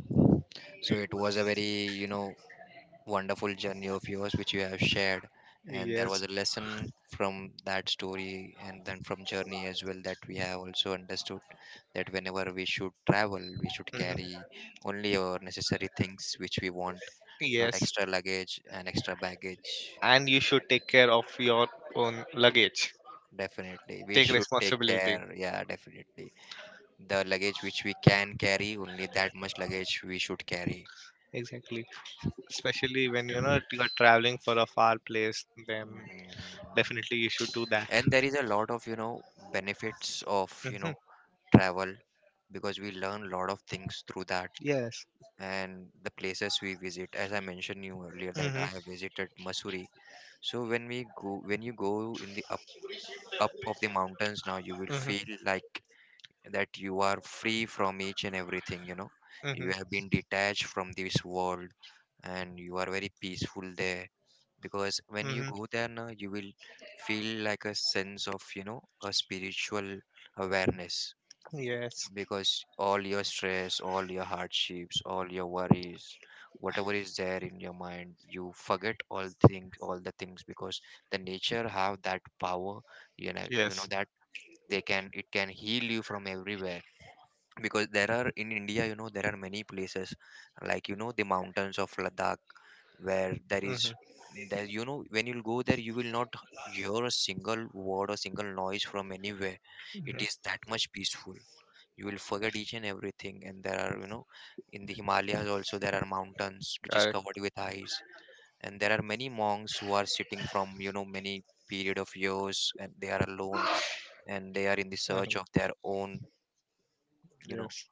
So it was a very, you know, wonderful journey of yours which you have shared, and there was yes, a lesson from that story and then from journey as well that we have also understood, that whenever we should travel we should mhm, carry only our necessary things which we want, not yes, extra luggage and extra baggage. and you should Definitely, take care of your own luggage. definitely we Take should take responsibility. care, yeah, definitely. The luggage which we can carry, only that much luggage we should carry. Exactly. Especially when you know you are traveling for a far place, then Mhm. definitely you should do that. And there is a lot of benefits of Hmm. Travel, because we learn a lot of things through that Yes. and the places we visit, as I mentioned you earlier that Hmm. I have visited Masuri. So when you go in the up of the mountains, now you will feel Hmm. like that you are free from each and everything. You Hmm. have been detached from this world, and you are very peaceful there, because when you Hmm. go there, now you will feel like a sense of a spiritual awareness, Yes. because all your stress, all your hardships, all your worries, whatever is there in your mind, you forget all things, all the things, because the nature have that power, you know Yes. that they can it can heal you from everywhere. Because there are in India, there are many places like the mountains of Ladakh, where Hmm. There, when you'll go there you will not hear a single word or single noise from anywhere. It is that much peaceful. You will forget each and everything. And there are in the Himalayas also there are mountains which is Correct. covered with ice, and there are many monks who are sitting from many period of years, and they are alone and they are in the search Mhm. of their own you know Yes.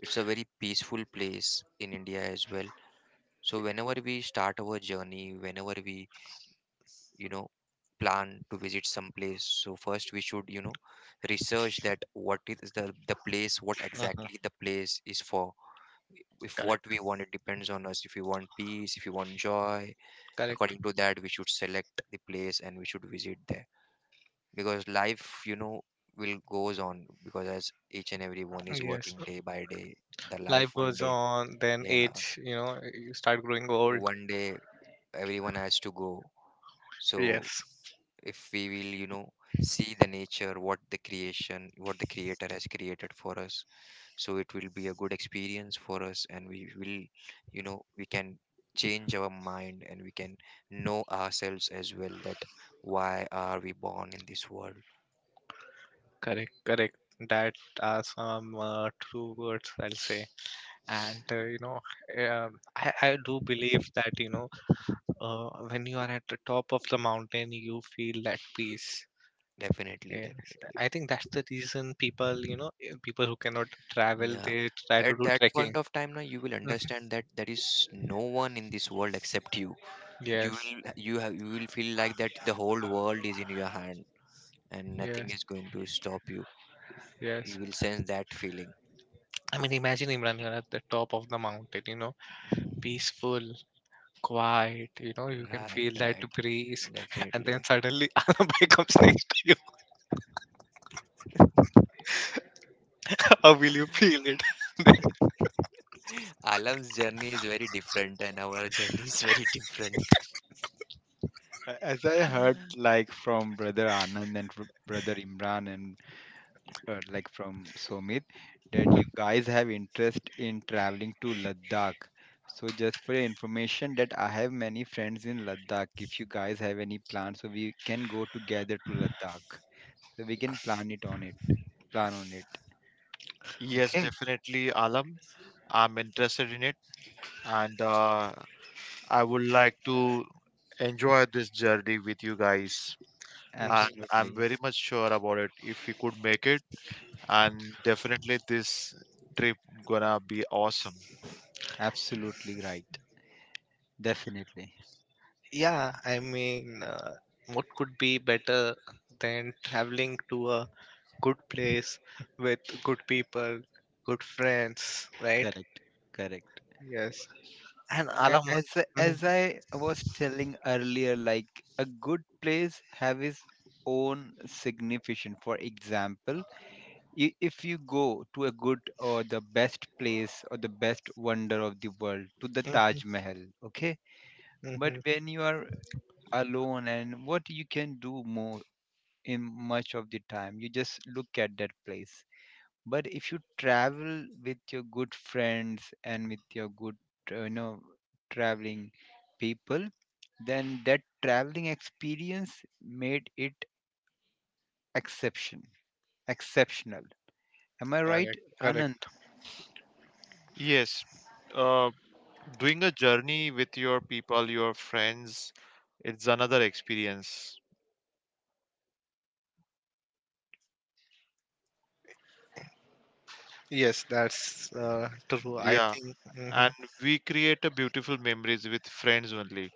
it's a very peaceful place in India as well. So whenever we start our journey, whenever we, you know, plan to visit some place, so first we should, research that what is the place, what Mhm. exactly the place is for. If what Correct. we want, it depends on us. If we want peace, if you want joy, Correct. according to that, we should select the place and we should visit there, because life, will goes on, because as each and every one is Yes. working day by day, the Life life one goes day. on. Then Yeah, age. You know, you start growing old. one day everyone has to go. So Yes. if we will, see the nature, what the creation, what the creator has created for us, so it will be a good experience for us, and we will, we can change our mind, and we can know ourselves as well, that why are we born in this world? Correct. Correct. That are some true words I'll say. And you know, I do believe that, you know, when you are at the top of the mountain, you feel that peace. Definitely, Yes, definitely. I think that's the reason people, you know, people who cannot travel, Yeah. they try to At do that trekking. point of time, now you will [laughs] understand that there is no one in this world except you. You Yes, will you have You will feel like that the whole world is in your hand, and nothing is yes, going to stop you. yes. You will sense that feeling. I mean, imagine Imran, you're at the top of the mountain, you know, peaceful, quiet, you know, you can Right, feel that right, breeze, [laughs] and then definitely. suddenly [laughs] Anabai comes next to you. How will you feel it? [laughs] Then- Alam's journey is very different and our [laughs] journey is very different. As I heard, like from brother Anand and brother Imran and like from Somit, that you guys have interest in traveling to Ladakh. So just for your information, that I have many friends in Ladakh. If you guys have any plans, so we can go together to Ladakh. So we can plan it on it. Plan on it. yes, Okay. definitely, Alam. I'm interested in it, and I would like to enjoy this journey with you guys. Mhm. And I'm Absolutely. very much sure about it. If we could make it, and definitely this trip gonna be awesome. Absolutely right. Definitely. Yeah, I mean, what could be better than traveling to a good place with good people, good friends, right? Correct. Correct. Yes. And I, Alamas. as I- as I was telling earlier, like a good place have its own significance. For example, if you go to a good or the best place or the best wonder of the world, to the Taj Mahal, okay. Mm-hmm. But when you are alone, and what you can do more in much of the time, you just look at that place. But if you travel with your good friends and with your good, you know, traveling people, then that traveling experience made it exception exceptional, am I right, Correct, Anand? correct. Yes, uh, doing a journey with your people, your friends, it's another experience. Yes, that's true. I Yeah, think. Hmm. and we create a beautiful memories with friends only.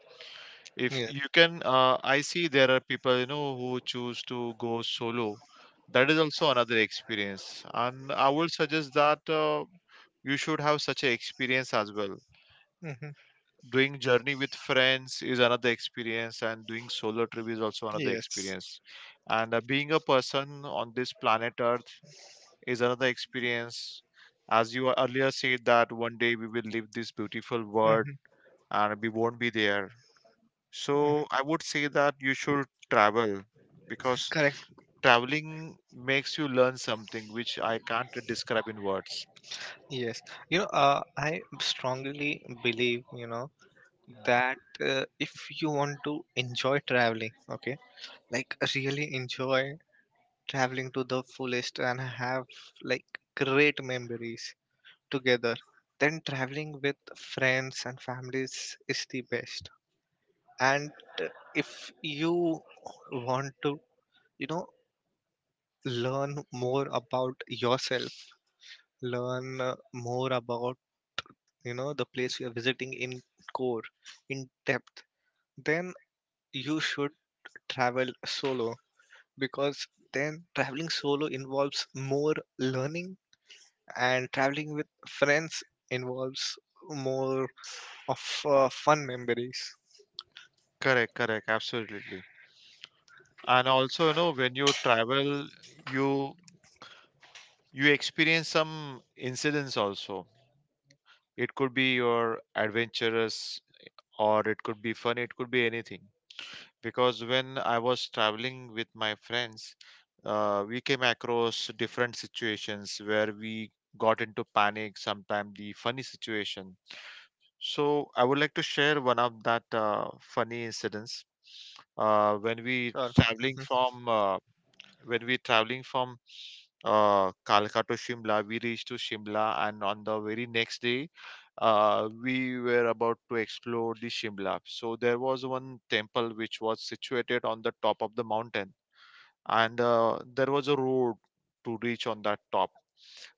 If Yes. you can, I see there are people you know who choose to go solo. That is also another experience, and I would suggest that you should have such an experience as well. Hmm. Doing journey with friends is another experience, and doing solo trip is also another Yes. experience, and being a person on this planet earth is another experience. As you earlier said, that one day we will leave this beautiful world Hmm. and we won't be there, so I would say that you should travel, because Correct. traveling makes you learn something which I can't describe in words. Yes. You know, I strongly believe, you know, that if you want to enjoy traveling, okay, like really enjoy traveling to the fullest and have like great memories together, then traveling with friends and families is the best, and uh, if you want to, you know, learn more about yourself, learn more about, you know, the place you are visiting in core, in depth, then you should travel solo, because then traveling solo involves more learning, and traveling with friends involves more of fun memories. Correct, correct, absolutely. And also, you know, when you travel, you you experience some incidents also. It could be your adventurous, or it could be fun, it could be anything. Because when I was traveling with my friends, we came across different situations where we got into panic, sometimes the funny situation. So I would like to share one of that funny incidents. uh, when we Sure. traveling Mhm. from uh, when we traveling from Kalka to Shimla. We reached to Shimla, and on the very next day, we were about to explore the Shimla. So there was one temple which was situated on the top of the mountain, and there was a road to reach on that top.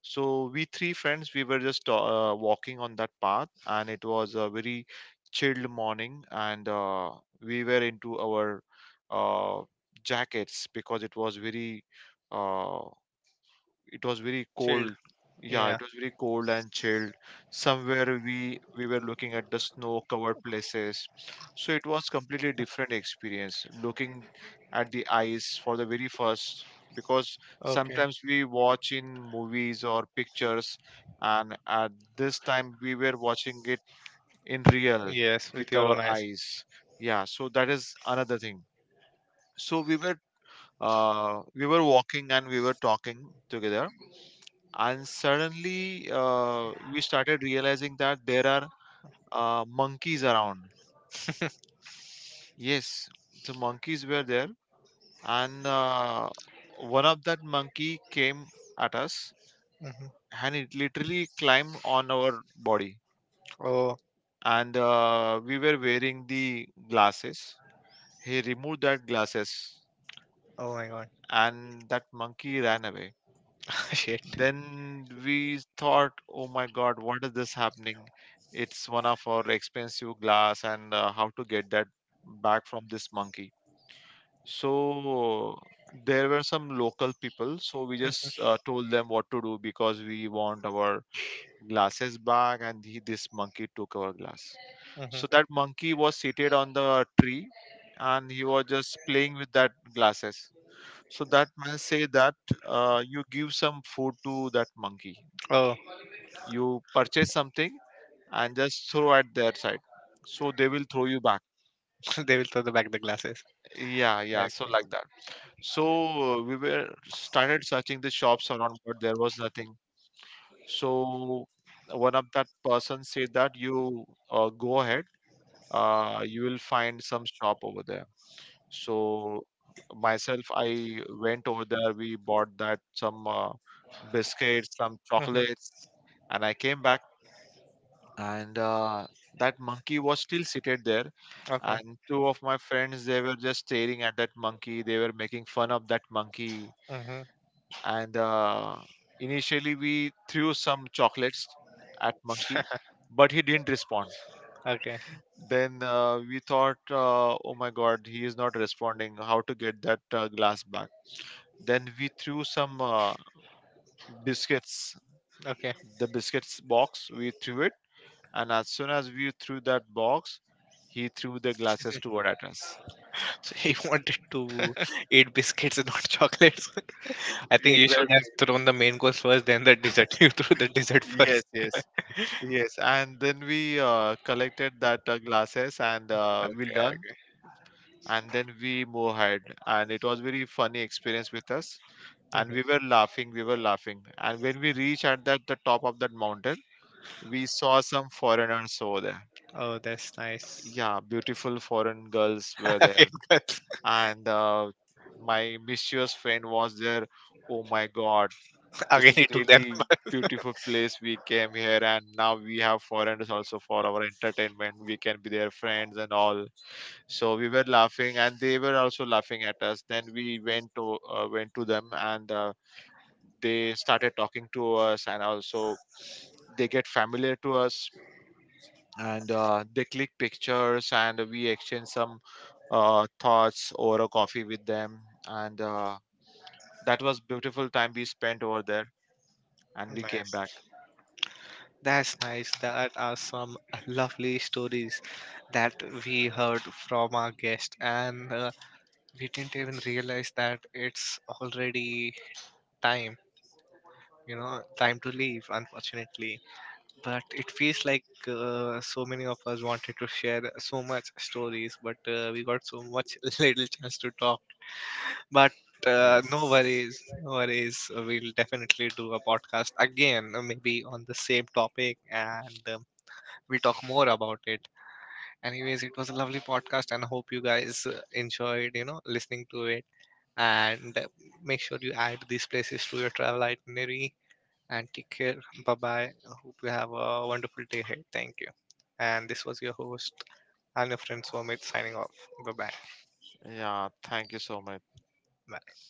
So we three friends, we were just walking on that path, and it was a very chilled morning, and we were into our uh, jackets because it was very. Uh, it was very Chilled. cold. Yeah, it Yeah. was very cold and chilled. Somewhere we were looking at the snow covered places, so it was completely different experience looking at the ice for the very first, because Okay. sometimes we watch in movies or pictures, and at this time we were watching it in real. Yes, with With your our own eyes. eyes, yeah, so that is another thing. So we were walking and we were talking together, and suddenly we started realizing that there are monkeys around. Yes, the monkeys were there, and one of that monkey came at us, Hmm. and it literally climbed on our body, Oh, and we were wearing the glasses. He removed that glasses oh my God. and that monkey ran away. [laughs] Shit. Then we thought, oh my God, what is this happening? It's one of our expensive glass, and how to get that back from this monkey. So there were some local people, so we just told them what to do, because we want our glasses back, and he, this monkey, took our glass. So that Hmm. monkey was seated on the tree, and he was just playing with that glasses. So that man say that you give some food to that monkey, That. Oh. you [laughs] purchase something and just throw at their side, so they will throw you back. [laughs] They will throw the back the glasses. Yeah, yeah, so Yeah. like that. So we were started searching the shops around, but there was nothing. So one of that person said that you go ahead, you will find some shop over there. So myself, I went over there, we bought that some biscuits, some Hmm. chocolates, and I came back, and that monkey was still seated there, Chocolate. and two of my friends, they were just staring at that monkey, they were making fun of that monkey. Mm-hmm. Okay. And hmm. And initially, we threw some chocolates at monkey, but he didn't respond. [laughs] Okay. Then we thought oh my god, he is not responding, how to get that glass back. Then we threw some biscuits, Okay. the biscuits box we threw it, and as soon as we threw that box, he threw the glasses toward at us. So he [laughs] wanted to eat biscuits and not chocolates. [laughs] I think you should have Exactly. thrown the main course first, then the dessert. [laughs] You threw the dessert Yes, first. yes. Yes, and then we collected that glasses and we Okay, learn, okay. and then we move ahead. And it was very funny experience with us, and we Mhm. were laughing, we were laughing. And when we reached at that the top of that mountain, we saw some foreigners over there. Oh, that's nice. Yeah, beautiful foreign girls [laughs] were Again, there, girls. and my mischievous friend was there. Oh my God! [laughs] Again, This is he took them. really [laughs] beautiful place, we came here and now we have foreigners also for our entertainment. We can be their friends and all. So we were laughing and they were also laughing at us. Then we went to them, and they started talking to us, and also they get familiar to us, and they click pictures, and we exchange some thoughts over a coffee with them, and that was beautiful time we spent over there, and we came Nice. back. That's nice. That are some lovely stories that we heard from our guest, and we didn't even realize that it's already time. You know, time to leave. Unfortunately. But it feels like so many of us wanted to share so much stories, but we got so much [laughs] little chance to talk. But Yes. no worries, no worries. We'll definitely do a podcast again, maybe on the same topic, and we'll talk more about it. Anyways, it was a lovely podcast, and I hope you guys enjoyed, you know, listening to it. And make sure you add these places to your travel itinerary. And take care. Bye bye. Hope you have a wonderful day ahead. Thank you. And this was your host and your friend Somit signing off. Bye bye. Yeah, thank you so much. Bye.